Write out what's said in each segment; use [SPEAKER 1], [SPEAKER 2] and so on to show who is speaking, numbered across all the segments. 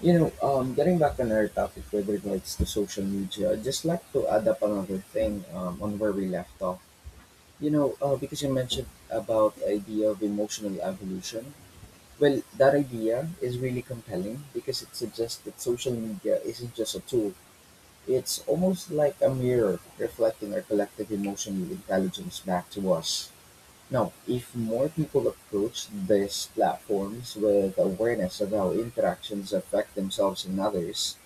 [SPEAKER 1] Getting back on our topic with regards to social media, I'd just like to add up another thing on where we left off. Because you mentioned about the idea of emotional evolution. Well, that idea is really compelling because it suggests that social media isn't just a tool. It's almost like a mirror reflecting our collective emotional intelligence back to us. Now, if more people approach these platforms with awareness of how interactions affect themselves and others,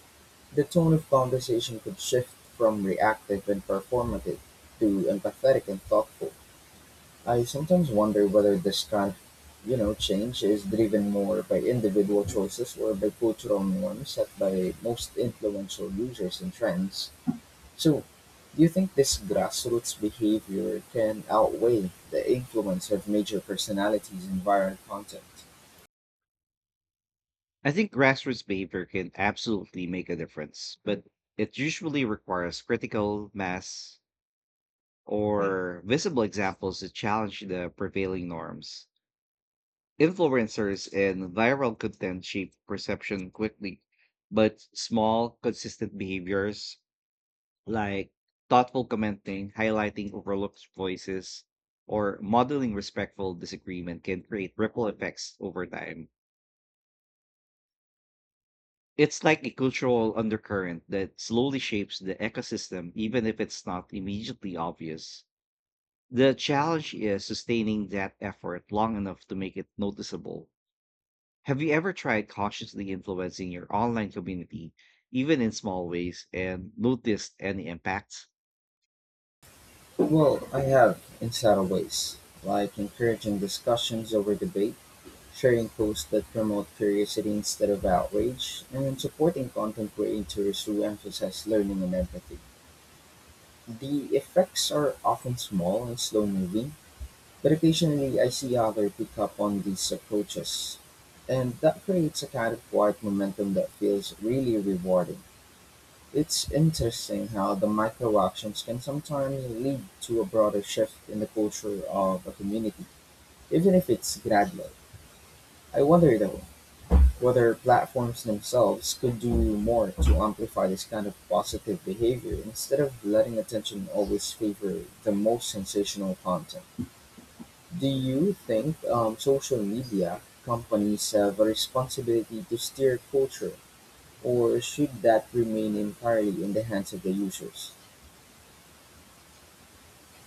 [SPEAKER 1] the tone of conversation could shift from reactive and performative to empathetic and thoughtful. I sometimes wonder whether this kind of change is driven more by individual choices or by cultural norms set by most influential users and trends. So, do you think this grassroots behavior can outweigh the influence of major personalities and viral content?
[SPEAKER 2] I think grassroots behavior can absolutely make a difference, but it usually requires critical mass or visible examples that challenge the prevailing norms. Influencers and viral content shape perception quickly, but small, consistent behaviors like thoughtful commenting, highlighting overlooked voices, or modeling respectful disagreement can create ripple effects over time. It's like a cultural undercurrent that slowly shapes the ecosystem, even if it's not immediately obvious. The challenge is sustaining that effort long enough to make it noticeable. Have you ever tried consciously influencing your online community, even in small ways, and noticed any impacts?
[SPEAKER 1] Well, I have in subtle ways, like encouraging discussions over debate, sharing posts that promote curiosity instead of outrage, and supporting content creators who emphasize learning and empathy. The effects are often small and slow moving, but occasionally I see others pick up on these approaches. And that creates a kind of quiet momentum that feels really rewarding. It's interesting how the micro actions can sometimes lead to a broader shift in the culture of a community, even if it's gradual. I wonder though, whether platforms themselves could do more to amplify this kind of positive behavior instead of letting attention always favor the most sensational content. Do you think social media companies have a responsibility to steer culture, or should that remain entirely in the hands of the users?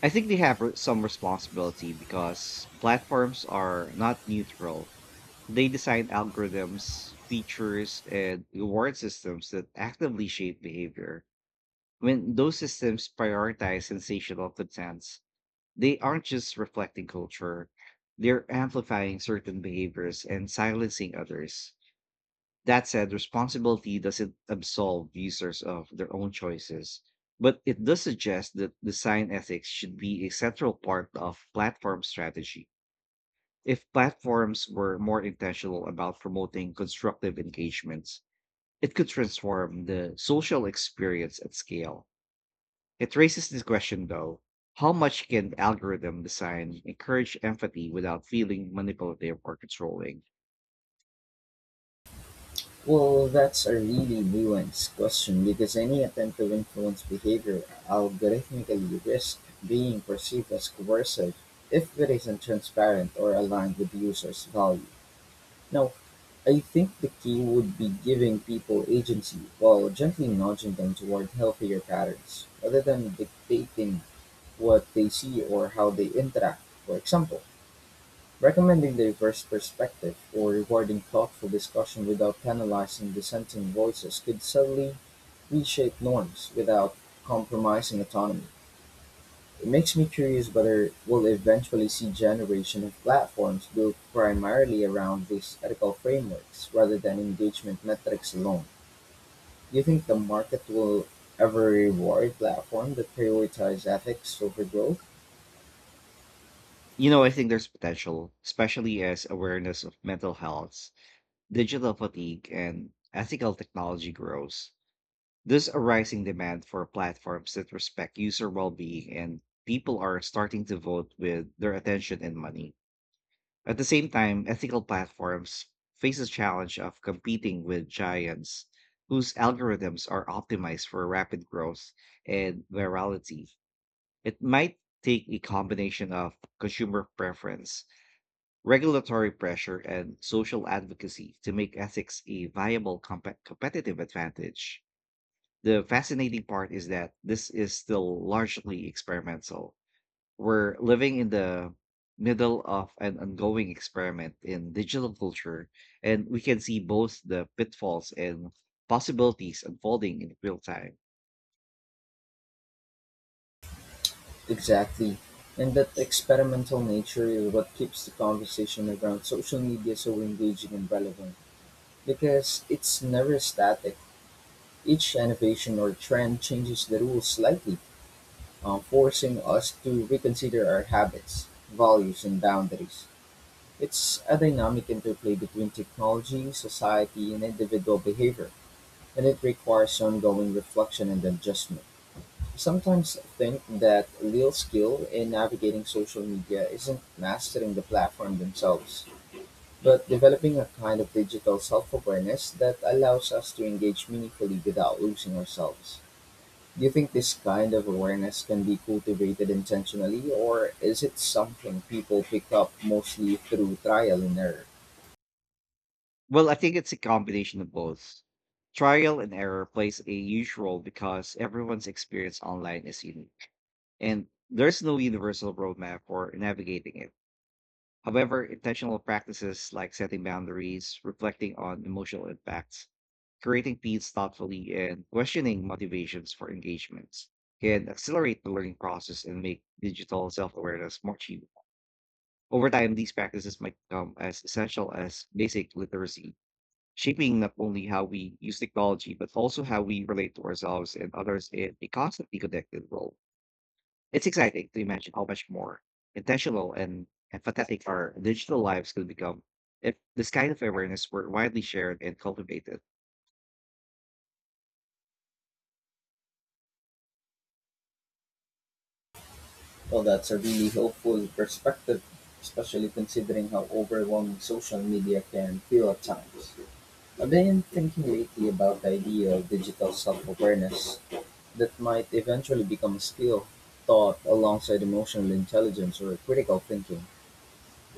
[SPEAKER 2] I think they have some responsibility because platforms are not neutral. They design algorithms, features, and reward systems that actively shape behavior. When those systems prioritize sensational contents, they aren't just reflecting culture, they're amplifying certain behaviors and silencing others. That said, responsibility doesn't absolve users of their own choices, but it does suggest that design ethics should be a central part of platform strategy. If platforms were more intentional about promoting constructive engagements, it could transform the social experience at scale. It raises this question though. How much can algorithm design encourage empathy without feeling manipulative or controlling?
[SPEAKER 1] Well, that's a really nuanced question because any attempt to influence behavior algorithmically risks being perceived as coercive if it isn't transparent or aligned with the user's value. Now, I think the key would be giving people agency while gently nudging them toward healthier patterns, rather than dictating what they see or how they interact. For example, recommending the diverse perspective, or rewarding thoughtful discussion without penalizing dissenting voices could subtly reshape norms without compromising autonomy. It makes me curious whether we'll eventually see generation of platforms built primarily around these ethical frameworks rather than engagement metrics alone. Do you think the market will ever reward platforms that prioritize ethics over growth?
[SPEAKER 2] You know, I think there's potential, especially as awareness of mental health, digital fatigue, and ethical technology grows. There's a rising demand for platforms that respect user well-being and people are starting to vote with their attention and money. At the same time, ethical platforms face the challenge of competing with giants whose algorithms are optimized for rapid growth and virality. It might take a combination of consumer preference, regulatory pressure, and social advocacy to make ethics a viable competitive advantage. The fascinating part is that this is still largely experimental. We're living in the middle of an ongoing experiment in digital culture, and we can see both the pitfalls and possibilities unfolding in real time.
[SPEAKER 1] Exactly. And that experimental nature is what keeps the conversation around social media so engaging and relevant because it's never static. Each innovation or trend changes the rules slightly, forcing us to reconsider our habits, values, and boundaries. It's a dynamic interplay between technology, society, and individual behavior, and it requires ongoing reflection and adjustment. Sometimes think that real skill in navigating social media isn't mastering the platform themselves, but developing a kind of digital self awareness that allows us to engage meaningfully without losing ourselves. Do you think this kind of awareness can be cultivated intentionally, or is it something people pick up mostly through trial and error?
[SPEAKER 2] Well, I think it's a combination of both. Trial and error plays a huge role because everyone's experience online is unique, and there's no universal roadmap for navigating it. However, intentional practices like setting boundaries, reflecting on emotional impacts, creating feeds thoughtfully, and questioning motivations for engagements can accelerate the learning process and make digital self awareness more achievable. Over time, these practices might become as essential as basic literacy, shaping not only how we use technology, but also how we relate to ourselves and others in a constantly connected world. It's exciting to imagine how much more intentional and empathetic our digital lives could become if this kind of awareness were widely shared and cultivated.
[SPEAKER 1] Well, that's a really helpful perspective, especially considering how overwhelming social media can feel at times. I've been thinking lately about the idea of digital self awareness that might eventually become a skill taught alongside emotional intelligence or critical thinking.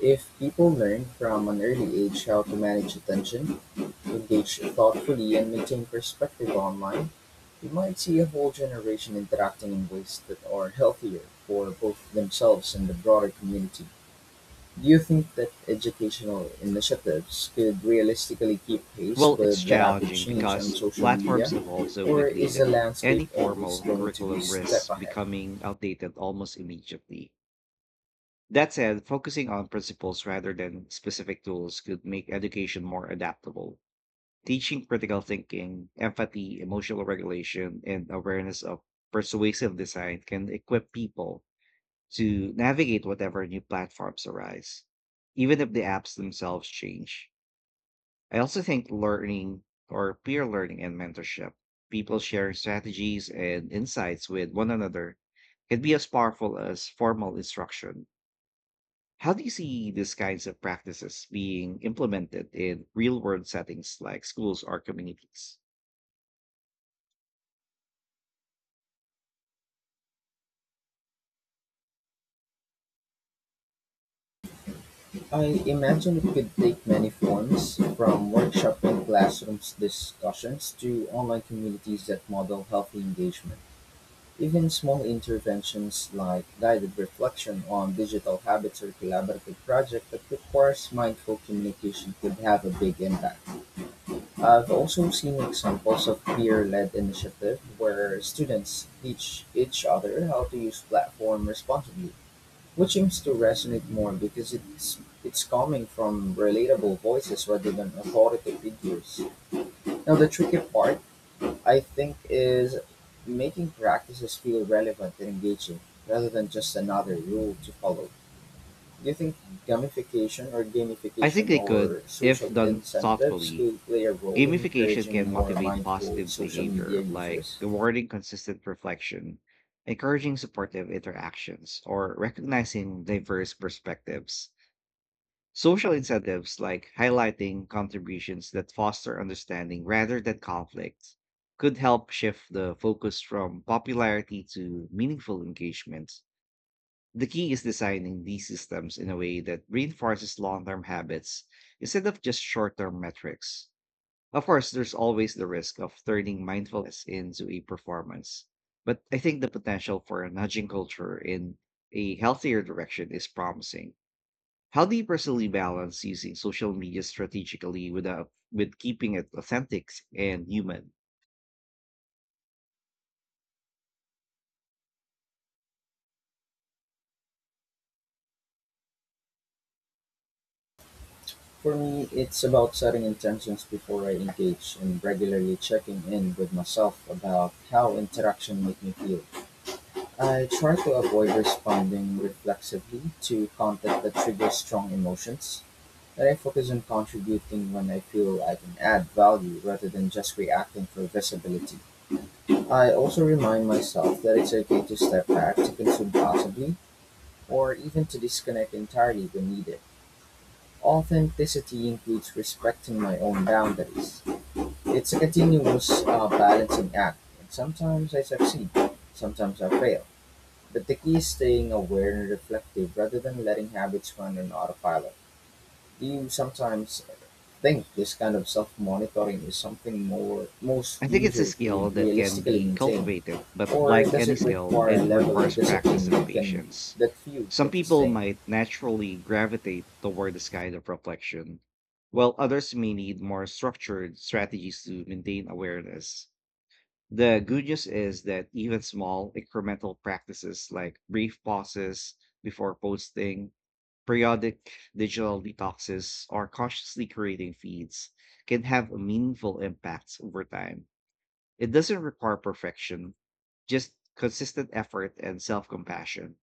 [SPEAKER 1] If people learn from an early age how to manage attention, engage thoughtfully, and maintain perspective online, we might see a whole generation interacting in ways that are healthier for both themselves and the broader community. Do you think that educational initiatives could realistically keep pace
[SPEAKER 2] Well, it's
[SPEAKER 1] with the rapid
[SPEAKER 2] challenging
[SPEAKER 1] change on
[SPEAKER 2] because
[SPEAKER 1] social media,
[SPEAKER 2] platforms evolve so
[SPEAKER 1] or
[SPEAKER 2] quickly
[SPEAKER 1] is the
[SPEAKER 2] that
[SPEAKER 1] landscape
[SPEAKER 2] any
[SPEAKER 1] always
[SPEAKER 2] formal
[SPEAKER 1] going to be
[SPEAKER 2] curriculum
[SPEAKER 1] step
[SPEAKER 2] risks
[SPEAKER 1] ahead?
[SPEAKER 2] becoming outdated almost immediately. That said, focusing on principles rather than specific tools could make education more adaptable. Teaching critical thinking, empathy, emotional regulation, and awareness of persuasive design can equip people to navigate whatever new platforms arise, even if the apps themselves change. I also think learning or peer learning and mentorship, people sharing strategies and insights with one another, can be as powerful as formal instruction. How do you see these kinds of practices being implemented in real world settings like schools or communities?
[SPEAKER 1] I imagine it could take many forms, from workshop and classrooms discussions to online communities that model healthy engagement. Even small interventions like guided reflection on digital habits or collaborative projects that requires mindful communication could have a big impact. I've also seen examples of peer-led initiative where students teach each other how to use platform responsibly, which seems to resonate more because it's coming from relatable voices rather than authoritative figures. Now the tricky part I think is making practices feel relevant and engaging rather than just another rule to follow. Do you think
[SPEAKER 2] I think
[SPEAKER 1] gamification
[SPEAKER 2] they could,
[SPEAKER 1] or
[SPEAKER 2] if
[SPEAKER 1] social
[SPEAKER 2] done
[SPEAKER 1] incentives
[SPEAKER 2] thoughtfully.
[SPEAKER 1] could play a role in
[SPEAKER 2] Gamification
[SPEAKER 1] encouraging
[SPEAKER 2] can
[SPEAKER 1] more
[SPEAKER 2] motivate
[SPEAKER 1] mindful
[SPEAKER 2] positive
[SPEAKER 1] social media
[SPEAKER 2] behavior, like
[SPEAKER 1] users?
[SPEAKER 2] rewarding consistent reflection, encouraging supportive interactions, or recognizing diverse perspectives. Social incentives, like highlighting contributions that foster understanding rather than conflict, could help shift the focus from popularity to meaningful engagement. The key is designing these systems in a way that reinforces long term habits instead of just short term metrics. Of course, there's always the risk of turning mindfulness into a performance, but I think the potential for nudging culture in a healthier direction is promising. How do you personally balance using social media strategically without with keeping it authentic and human?
[SPEAKER 1] For me, it's about setting intentions before I engage and regularly checking in with myself about how interaction make me feel. I try to avoid responding reflexively to content that triggers strong emotions, and I focus on contributing when I feel I can add value rather than just reacting for visibility. I also remind myself that it's okay to step back, to consume possibly, or even to disconnect entirely when needed. Authenticity includes respecting my own boundaries. It's a continuous balancing act, and sometimes I succeed, sometimes I fail. But the key is staying aware and reflective rather than letting habits run on autopilot. Do you sometimes think this kind of self monitoring is something more most
[SPEAKER 2] I think it's a
[SPEAKER 1] users
[SPEAKER 2] skill
[SPEAKER 1] could
[SPEAKER 2] that can
[SPEAKER 1] realistically
[SPEAKER 2] be
[SPEAKER 1] maintain,
[SPEAKER 2] cultivated, but
[SPEAKER 1] or
[SPEAKER 2] like
[SPEAKER 1] does
[SPEAKER 2] any
[SPEAKER 1] it
[SPEAKER 2] skill,
[SPEAKER 1] require a
[SPEAKER 2] it
[SPEAKER 1] level of
[SPEAKER 2] requires practice
[SPEAKER 1] discipline
[SPEAKER 2] and
[SPEAKER 1] that can
[SPEAKER 2] patience.
[SPEAKER 1] that few can
[SPEAKER 2] Some people
[SPEAKER 1] sustain?
[SPEAKER 2] might naturally gravitate toward this kind of reflection, while others may need more structured strategies to maintain awareness. The good news is that even small incremental practices like brief pauses before posting, periodic digital detoxes, or consciously creating feeds can have a meaningful impacts over time. It doesn't require perfection, just consistent effort and self compassion.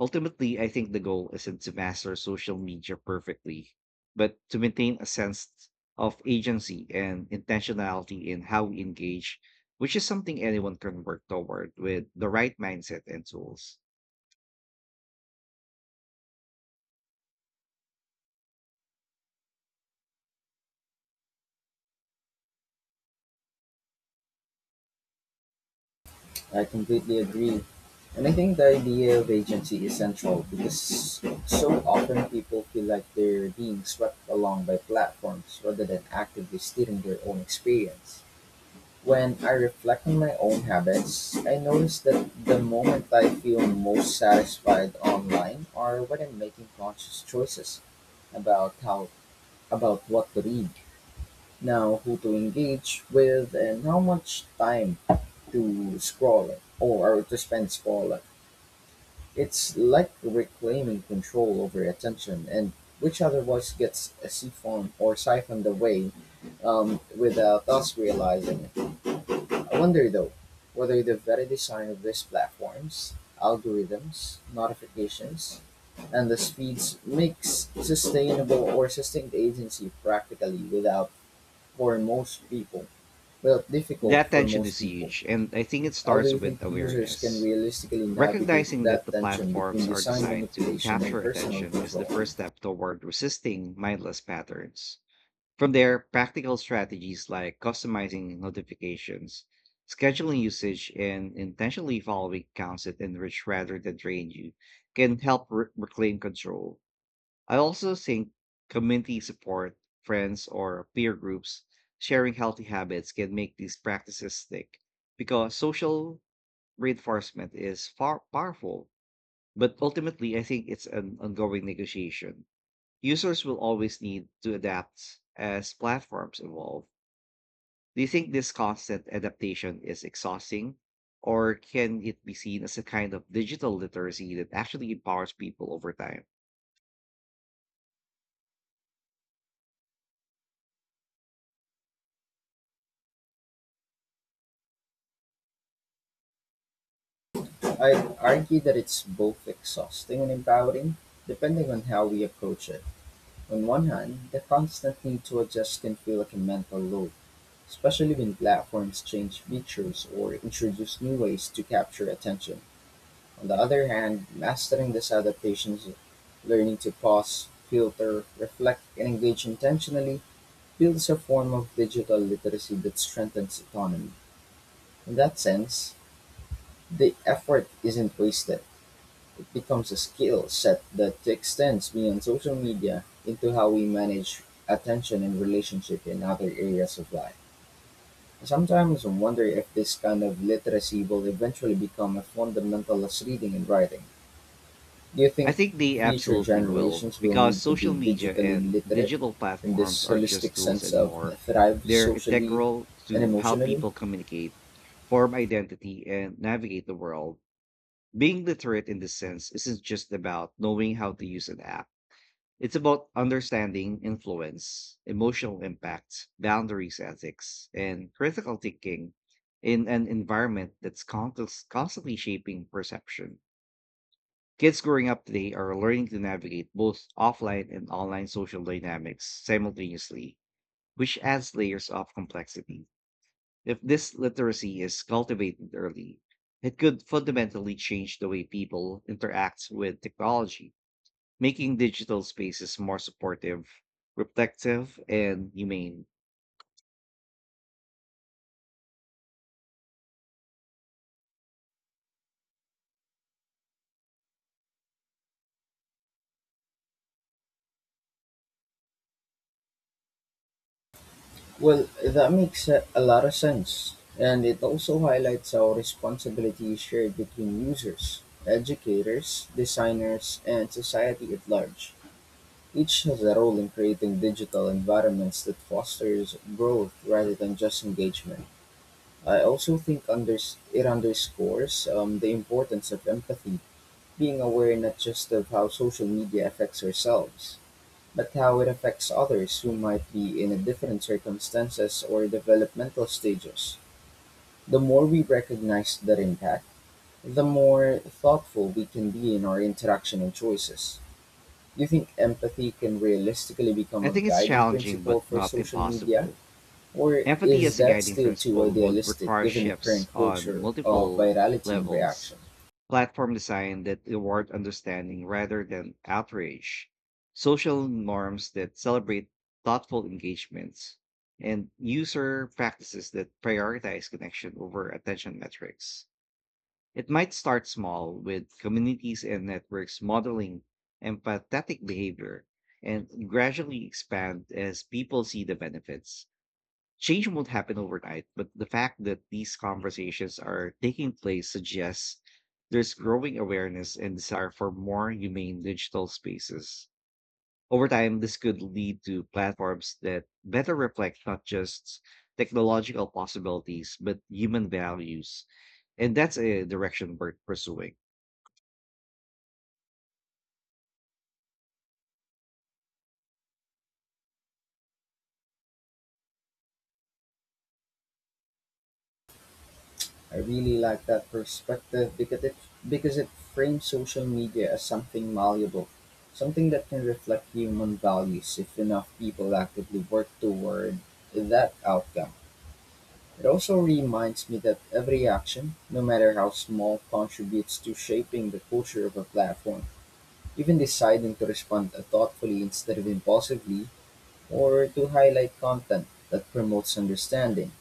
[SPEAKER 2] Ultimately, I think the goal isn't to master social media perfectly, but to maintain a sense of agency and intentionality in how we engage, which is something anyone can work toward with the right mindset and tools.
[SPEAKER 1] I completely agree. And I think the idea of agency is central because so often people feel like they're being swept along by platforms rather than actively steering their own experience. When I reflect on my own habits, I notice that the moment I feel most satisfied online are when I'm making conscious choices about how about what to read, now who to engage with and how much time to scroll or to spend scrolling. It's like reclaiming control over attention, and which otherwise gets siphoned away without us realizing it. I wonder though whether the very design of these platforms, algorithms, notifications, and the speeds makes sustainable or sustained agency practically without for most people. Well, difficult
[SPEAKER 2] That
[SPEAKER 1] for
[SPEAKER 2] tension
[SPEAKER 1] most
[SPEAKER 2] is
[SPEAKER 1] people.
[SPEAKER 2] huge, and I think it
[SPEAKER 1] How do
[SPEAKER 2] starts
[SPEAKER 1] you think
[SPEAKER 2] with
[SPEAKER 1] users can
[SPEAKER 2] awareness.
[SPEAKER 1] realistically navigate
[SPEAKER 2] Recognizing that
[SPEAKER 1] that
[SPEAKER 2] the
[SPEAKER 1] tension between
[SPEAKER 2] platforms are
[SPEAKER 1] design
[SPEAKER 2] designed to
[SPEAKER 1] manipulation and
[SPEAKER 2] capture
[SPEAKER 1] personal
[SPEAKER 2] attention is the
[SPEAKER 1] control?
[SPEAKER 2] first step toward resisting mindless patterns. From there, practical strategies like customizing notifications, scheduling usage, and intentionally following accounts that enrich rather than drain you can help reclaim control. I also think community support, friends, or peer groups sharing healthy habits can make these practices stick because social reinforcement is far powerful. But ultimately, I think it's an ongoing negotiation users will always need to adapt as platforms evolve. Do you think this constant adaptation is exhausting, or can it be seen as a kind of digital literacy that actually empowers people over time?
[SPEAKER 1] I'd argue that it's both exhausting and empowering, depending on how we approach it. On one hand, the constant need to adjust can feel like a mental load, especially when platforms change features or introduce new ways to capture attention. On the other hand, mastering these adaptations, learning to pause, filter, reflect, and engage intentionally builds a form of digital literacy that strengthens autonomy. In that sense, the effort isn't wasted. It becomes a skill set that extends beyond social media into how we manage attention and relationship in other areas of life. I sometimes wonder if this kind of literacy will eventually become as fundamental as reading and writing. Do you
[SPEAKER 2] I
[SPEAKER 1] think
[SPEAKER 2] think they
[SPEAKER 1] future
[SPEAKER 2] absolutely will,
[SPEAKER 1] generations will
[SPEAKER 2] because
[SPEAKER 1] need to be
[SPEAKER 2] social media
[SPEAKER 1] digitally
[SPEAKER 2] and
[SPEAKER 1] literate
[SPEAKER 2] digital
[SPEAKER 1] in
[SPEAKER 2] platforms
[SPEAKER 1] this
[SPEAKER 2] are just
[SPEAKER 1] holistic
[SPEAKER 2] tools
[SPEAKER 1] sense
[SPEAKER 2] and
[SPEAKER 1] of
[SPEAKER 2] more.
[SPEAKER 1] thrive
[SPEAKER 2] They're
[SPEAKER 1] socially
[SPEAKER 2] integral
[SPEAKER 1] and
[SPEAKER 2] to how
[SPEAKER 1] emotionally?
[SPEAKER 2] people communicate, form identity, and navigate the world. Being literate in this sense isn't just about knowing how to use an app. It's about understanding influence, emotional impact, boundaries ethics, and critical thinking in an environment that's constantly shaping perception. Kids growing up today are learning to navigate both offline and online social dynamics simultaneously, which adds layers of complexity. If this literacy is cultivated early, it could fundamentally change the way people interact with technology making digital spaces more supportive, reflective, and humane.
[SPEAKER 1] Well, that makes a lot of sense. And it also highlights how responsibility is shared between users, educators, designers, and society at large. Each has a role in creating digital environments that fosters growth rather than just engagement. I also think it underscores the importance of empathy, being aware not just of how social media affects ourselves, but how it affects others who might be in a different circumstances or developmental stages. The more we recognize that impact, the more thoughtful we can be in our interaction and choices. Do you think empathy can realistically become
[SPEAKER 2] I
[SPEAKER 1] a
[SPEAKER 2] think it's
[SPEAKER 1] guiding
[SPEAKER 2] challenging
[SPEAKER 1] principle
[SPEAKER 2] but
[SPEAKER 1] for
[SPEAKER 2] not
[SPEAKER 1] social media?
[SPEAKER 2] impossible.
[SPEAKER 1] Or
[SPEAKER 2] Empathy
[SPEAKER 1] is
[SPEAKER 2] as a
[SPEAKER 1] that
[SPEAKER 2] guiding
[SPEAKER 1] still too
[SPEAKER 2] principle would
[SPEAKER 1] idealistic
[SPEAKER 2] require
[SPEAKER 1] given the current
[SPEAKER 2] shifts on
[SPEAKER 1] culture of
[SPEAKER 2] multiple
[SPEAKER 1] virality and
[SPEAKER 2] levels,
[SPEAKER 1] reaction?
[SPEAKER 2] platform design that reward understanding rather than outrage, social norms that celebrate thoughtful engagements, and user practices that prioritize connection over attention metrics. It might start small with communities and networks modeling empathetic behavior and gradually expand as people see the benefits. Change won't happen overnight, but the fact that these conversations are taking place suggests there's growing awareness and desire for more humane digital spaces. Over time, this could lead to platforms that better reflect not just technological possibilities, but human values. And that's a direction worth pursuing.
[SPEAKER 1] I really like that perspective because it frames social media as something malleable, something that can reflect human values if enough people actively work toward that outcome. It also reminds me that every action, no matter how small, contributes to shaping the culture of a platform. Even deciding to respond thoughtfully instead of impulsively, or to highlight content that promotes understanding,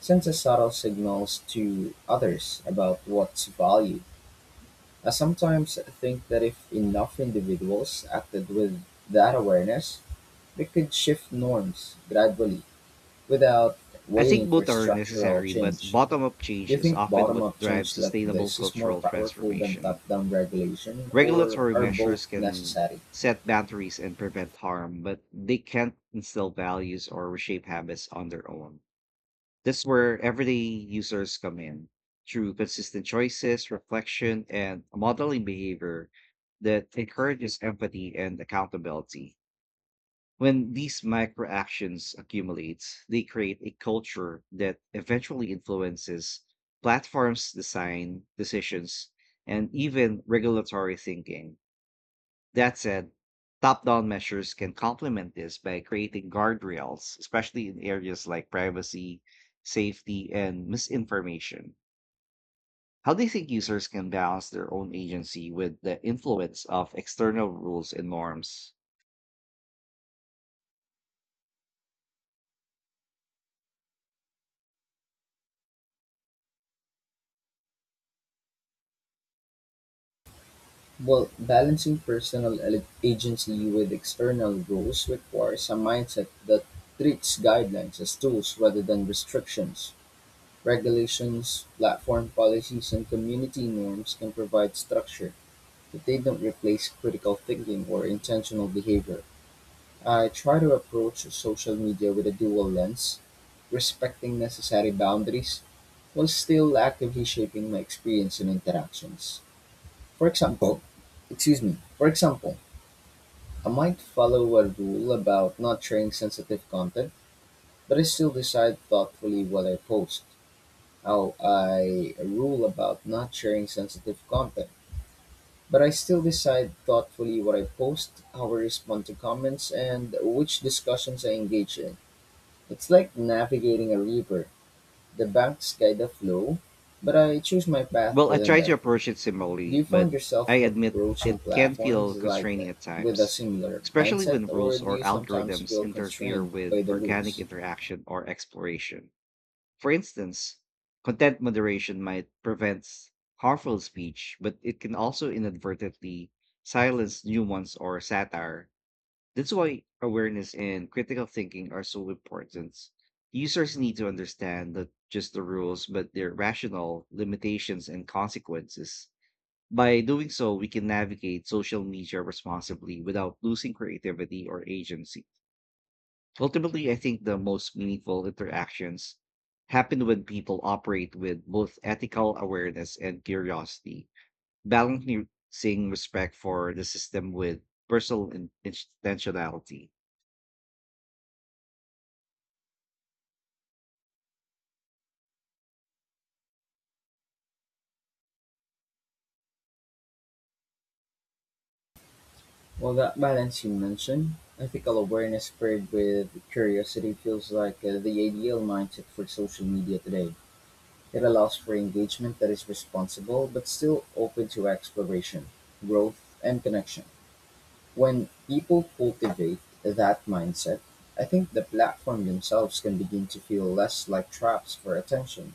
[SPEAKER 1] sends a subtle signals to others about what's valued. I sometimes think that if enough individuals acted with that awareness, we could shift norms gradually without
[SPEAKER 2] I think
[SPEAKER 1] waiting for
[SPEAKER 2] both are
[SPEAKER 1] structural
[SPEAKER 2] necessary, but
[SPEAKER 1] change.
[SPEAKER 2] bottom up
[SPEAKER 1] Do you
[SPEAKER 2] change is
[SPEAKER 1] think
[SPEAKER 2] often
[SPEAKER 1] bottom
[SPEAKER 2] what
[SPEAKER 1] up
[SPEAKER 2] drives
[SPEAKER 1] change like
[SPEAKER 2] sustainable
[SPEAKER 1] this is more
[SPEAKER 2] cultural
[SPEAKER 1] powerful than
[SPEAKER 2] transformation.
[SPEAKER 1] top down regulation, or
[SPEAKER 2] Regulatory
[SPEAKER 1] are both
[SPEAKER 2] measures can
[SPEAKER 1] necessary?
[SPEAKER 2] set boundaries and prevent harm, but they can't instill values or reshape habits on their own. That's where everyday users come in. Through consistent choices, reflection, and modeling behavior that encourages empathy and accountability. When these microactions accumulate, they create a culture that eventually influences platforms' design, decisions, and even regulatory thinking. That said, top down measures can complement this by creating guardrails, especially in areas like privacy, safety, and misinformation. How do you think users can balance their own agency with the influence of external rules and norms?
[SPEAKER 1] Well, balancing agency with external rules requires a mindset that treats guidelines as tools rather than restrictions. Regulations, platform policies, and community norms can provide structure, but they don't replace critical thinking or intentional behavior. I try to approach social media with a dual lens, respecting necessary boundaries while still actively shaping my experience and interactions. For example, for example, I might follow a rule about not sharing sensitive content, but I still decide thoughtfully what I post. Oh, I a rule about not sharing sensitive content, but I still decide thoughtfully what I post, how I respond to comments, and which discussions I engage in. It's like navigating a river. The banks guide the flow, but I choose my path
[SPEAKER 2] Well, I
[SPEAKER 1] within
[SPEAKER 2] try to
[SPEAKER 1] them.
[SPEAKER 2] approach it
[SPEAKER 1] Do you
[SPEAKER 2] similarly,
[SPEAKER 1] find
[SPEAKER 2] but I
[SPEAKER 1] yourself
[SPEAKER 2] admit
[SPEAKER 1] approaching
[SPEAKER 2] it can
[SPEAKER 1] platforms
[SPEAKER 2] feel constraining at
[SPEAKER 1] with a
[SPEAKER 2] times,
[SPEAKER 1] similar
[SPEAKER 2] especially
[SPEAKER 1] mindset,
[SPEAKER 2] when
[SPEAKER 1] or
[SPEAKER 2] rules
[SPEAKER 1] do
[SPEAKER 2] or
[SPEAKER 1] you sometimes
[SPEAKER 2] algorithms
[SPEAKER 1] feel
[SPEAKER 2] interfere
[SPEAKER 1] constrained by
[SPEAKER 2] with
[SPEAKER 1] the
[SPEAKER 2] organic
[SPEAKER 1] rules?
[SPEAKER 2] interaction or exploration. For instance, content moderation might prevent harmful speech, but it can also inadvertently silence nuance or satire. That's why awareness and critical thinking are so important. Users need to understand not just the rules, but their rational limitations and consequences. By doing so, we can navigate social media responsibly without losing creativity or agency. Ultimately, I think the most meaningful interactions happen when people operate with both ethical awareness and curiosity, balancing respect for the system with personal intentionality.
[SPEAKER 1] Well, that balance you mentioned, ethical awareness paired with curiosity, feels like the ideal mindset for social media today. It allows for engagement that is responsible but still open to exploration, growth, and connection. When people cultivate that mindset, I think the platform themselves can begin to feel less like traps for attention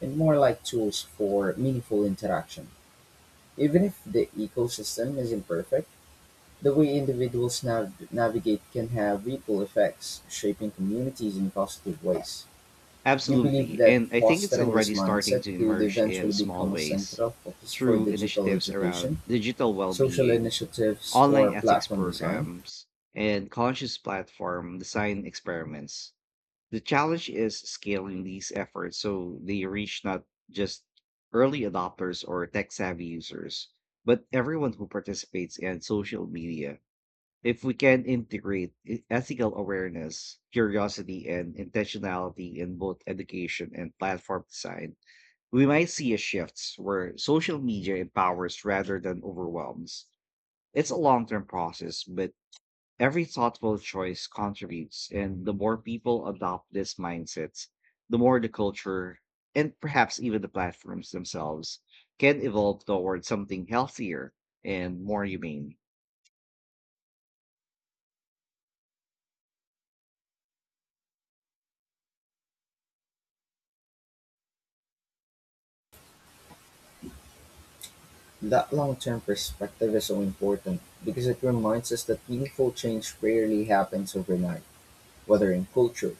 [SPEAKER 1] and more like tools for meaningful interaction. Even if the ecosystem isn't perfect, the way individuals navigate can have ripple effects, shaping communities in positive ways. Do you believe
[SPEAKER 2] Absolutely.
[SPEAKER 1] that
[SPEAKER 2] And I think it's
[SPEAKER 1] fostering this
[SPEAKER 2] already starting
[SPEAKER 1] mindset
[SPEAKER 2] to
[SPEAKER 1] could
[SPEAKER 2] emerge
[SPEAKER 1] eventually
[SPEAKER 2] in small
[SPEAKER 1] become a
[SPEAKER 2] ways
[SPEAKER 1] central focus for
[SPEAKER 2] through
[SPEAKER 1] digital
[SPEAKER 2] initiatives
[SPEAKER 1] education,
[SPEAKER 2] around digital well
[SPEAKER 1] social
[SPEAKER 2] being,
[SPEAKER 1] initiatives,
[SPEAKER 2] online
[SPEAKER 1] or
[SPEAKER 2] ethics
[SPEAKER 1] platform design?
[SPEAKER 2] programs, and conscious platform design experiments. The challenge is scaling these efforts so they reach not just early adopters or tech savvy users, but everyone who participates in social media. If we can integrate ethical awareness, curiosity, and intentionality in both education and platform design, we might see a shift where social media empowers rather than overwhelms. It's a long term process, but every thoughtful choice contributes. And the more people adopt this mindset, the more the culture and perhaps even the platforms themselves can evolve toward something healthier and more humane.
[SPEAKER 1] That long term perspective is so important because it reminds us that meaningful change rarely happens overnight, whether in culture,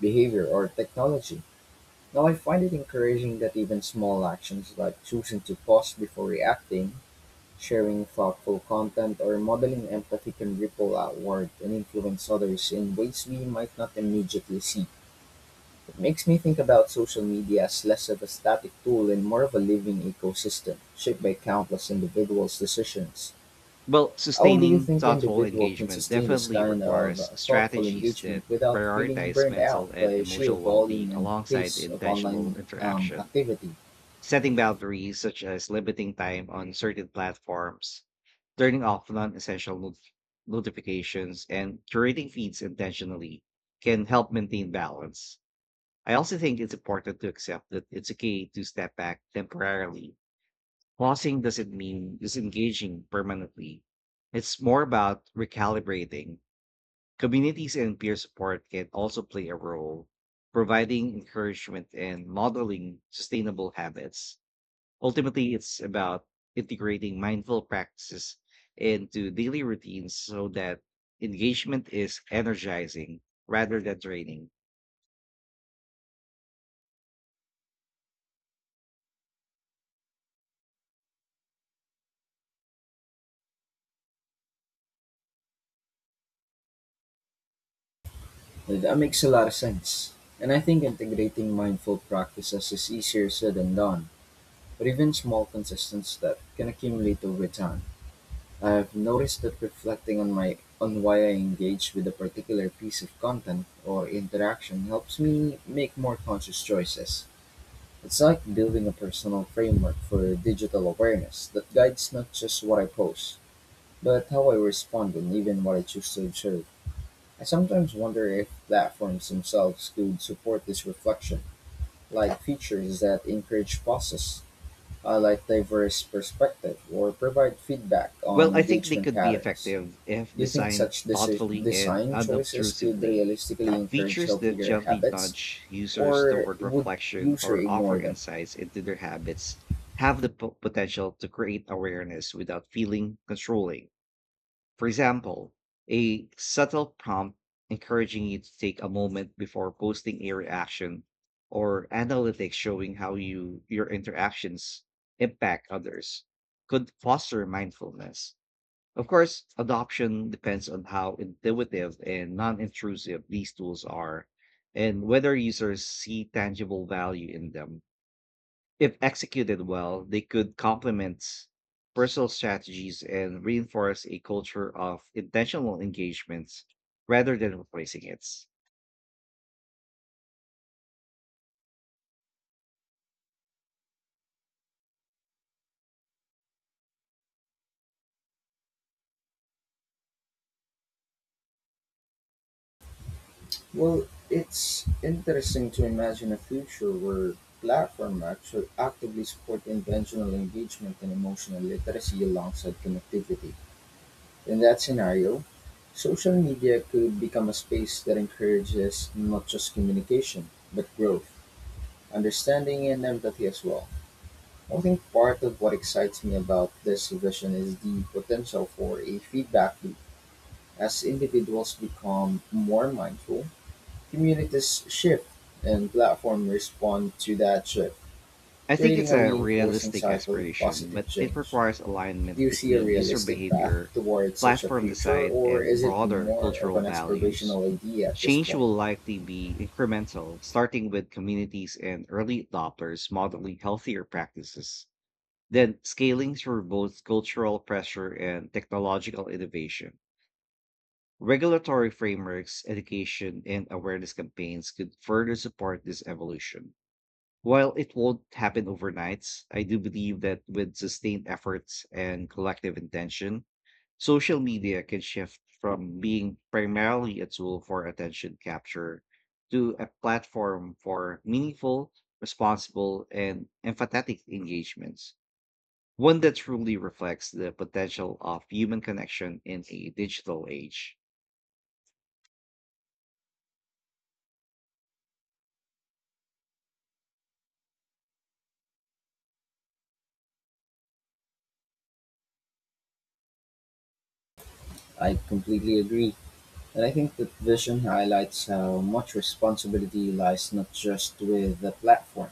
[SPEAKER 1] behavior, or technology. Now I find it encouraging that even small actions like choosing to pause before reacting, sharing thoughtful content, or modeling empathy can ripple outward and influence others in ways we might not immediately see. It makes me think about social media as less of a static tool and more of a living ecosystem, shaped by countless individuals' decisions.
[SPEAKER 2] Well,
[SPEAKER 1] How do you
[SPEAKER 2] sustaining
[SPEAKER 1] think
[SPEAKER 2] thoughtful
[SPEAKER 1] individual can
[SPEAKER 2] engagement
[SPEAKER 1] sustain this
[SPEAKER 2] definitely
[SPEAKER 1] kind of
[SPEAKER 2] requires
[SPEAKER 1] thoughtful
[SPEAKER 2] strategies
[SPEAKER 1] engagement
[SPEAKER 2] that
[SPEAKER 1] without feeling
[SPEAKER 2] prioritize
[SPEAKER 1] burned out
[SPEAKER 2] mental and
[SPEAKER 1] by sheer
[SPEAKER 2] emotional well
[SPEAKER 1] volume
[SPEAKER 2] being
[SPEAKER 1] and
[SPEAKER 2] alongside
[SPEAKER 1] pace of online
[SPEAKER 2] intentional interaction.
[SPEAKER 1] activity?
[SPEAKER 2] Setting boundaries, such as limiting time on certain platforms, turning off non essential notifications, and curating feeds intentionally, can help maintain balance. I also think it's important to accept that it's okay to step back temporarily. Pausing doesn't mean disengaging permanently. It's more about recalibrating. Communities and peer support can also play a role, providing encouragement and modeling sustainable habits. Ultimately, it's about integrating mindful practices into daily routines so that engagement is energizing rather than draining.
[SPEAKER 1] That makes a lot of sense. And I think integrating mindful practices is easier said than done, but even small consistent steps can accumulate over time. I have noticed that reflecting on my on why I engage with a particular piece of content or interaction helps me make more conscious choices. It's like building a personal framework for digital awareness that guides not just what I post, but how I respond and even what I choose to observe. I sometimes wonder if platforms themselves could support this reflection, like features that encourage pauses, highlight diverse perspective, or provide feedback
[SPEAKER 2] Well,
[SPEAKER 1] on
[SPEAKER 2] I think they
[SPEAKER 1] engagement
[SPEAKER 2] could be
[SPEAKER 1] patterns.
[SPEAKER 2] effective if
[SPEAKER 1] Do you think
[SPEAKER 2] designed
[SPEAKER 1] such
[SPEAKER 2] thoughtfully and
[SPEAKER 1] design choices could
[SPEAKER 2] unobtrusively.
[SPEAKER 1] realistically encourage
[SPEAKER 2] Features that
[SPEAKER 1] healthier
[SPEAKER 2] gently
[SPEAKER 1] habits,
[SPEAKER 2] nudge users
[SPEAKER 1] or
[SPEAKER 2] toward
[SPEAKER 1] would
[SPEAKER 2] reflection
[SPEAKER 1] user
[SPEAKER 2] or offer
[SPEAKER 1] ignore them?
[SPEAKER 2] insights into their habits have the potential to create awareness without feeling controlling. For example, a subtle prompt encouraging you to take a moment before posting a reaction or analytics showing how you your interactions impact others could foster mindfulness. Of course, adoption depends on how intuitive and non intrusive these tools are and whether users see tangible value in them. If executed well, they could complement personal strategies and reinforce a culture of intentional engagements rather than replacing it.
[SPEAKER 1] Well, it's interesting to imagine a future where platform actually actively support intentional engagement and emotional literacy alongside connectivity. In that scenario, social media could become a space that encourages not just communication, but growth, understanding, and empathy as well. I think part of what excites me about this vision is the potential for a feedback loop. As individuals become more mindful, communities shift, and platforms respond to that shift,
[SPEAKER 2] I think
[SPEAKER 1] creating
[SPEAKER 2] it's
[SPEAKER 1] a
[SPEAKER 2] a
[SPEAKER 1] reinforcing
[SPEAKER 2] realistic
[SPEAKER 1] cycle of
[SPEAKER 2] aspiration,
[SPEAKER 1] positive
[SPEAKER 2] but it
[SPEAKER 1] change.
[SPEAKER 2] requires
[SPEAKER 1] Do
[SPEAKER 2] alignment
[SPEAKER 1] you see a
[SPEAKER 2] between user
[SPEAKER 1] realistic path
[SPEAKER 2] behavior,
[SPEAKER 1] towards such a
[SPEAKER 2] platform
[SPEAKER 1] future,
[SPEAKER 2] design,
[SPEAKER 1] or
[SPEAKER 2] and
[SPEAKER 1] is it
[SPEAKER 2] broader
[SPEAKER 1] more of
[SPEAKER 2] cultural
[SPEAKER 1] an
[SPEAKER 2] values.
[SPEAKER 1] aspirational idea at this
[SPEAKER 2] Change
[SPEAKER 1] point?
[SPEAKER 2] will likely be incremental, starting with communities and early adopters modeling healthier practices, then scaling through both cultural pressure and technological innovation. Regulatory frameworks, education, and awareness campaigns could further support this evolution. While it won't happen overnight, I do believe that with sustained efforts and collective intention, social media can shift from being primarily a tool for attention capture to a platform for meaningful, responsible, and empathetic engagements, one that truly reflects the potential of human connection in a digital age.
[SPEAKER 1] I completely agree. And I think that vision highlights how much responsibility lies not just with the platform,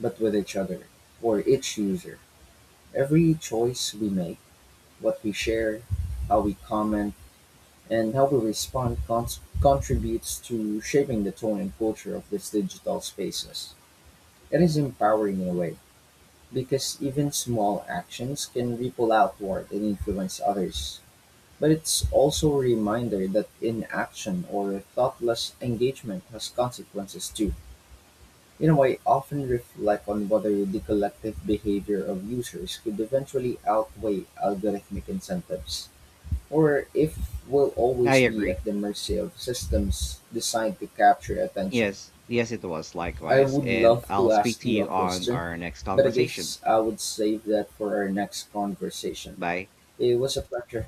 [SPEAKER 1] but with each other or each user. Every choice we make, what we share, how we comment, and how we respond contributes to shaping the tone and culture of these digital spaces. It is empowering in a way, because even small actions can ripple outward and influence others. But it's also a reminder that inaction or thoughtless engagement has consequences too. In a way, often reflect on whether the collective behavior of users could eventually outweigh algorithmic incentives, or if we'll
[SPEAKER 2] I
[SPEAKER 1] always be
[SPEAKER 2] agree.
[SPEAKER 1] at the mercy of systems designed to capture attention.
[SPEAKER 2] Yes, yes, it was
[SPEAKER 1] I
[SPEAKER 2] likewise.
[SPEAKER 1] would
[SPEAKER 2] And
[SPEAKER 1] love to
[SPEAKER 2] I'll speak
[SPEAKER 1] ask
[SPEAKER 2] to
[SPEAKER 1] you a
[SPEAKER 2] you on
[SPEAKER 1] question,
[SPEAKER 2] our next
[SPEAKER 1] but I
[SPEAKER 2] conversation.
[SPEAKER 1] guess I would save that for our next conversation.
[SPEAKER 2] Bye.
[SPEAKER 1] It was a pleasure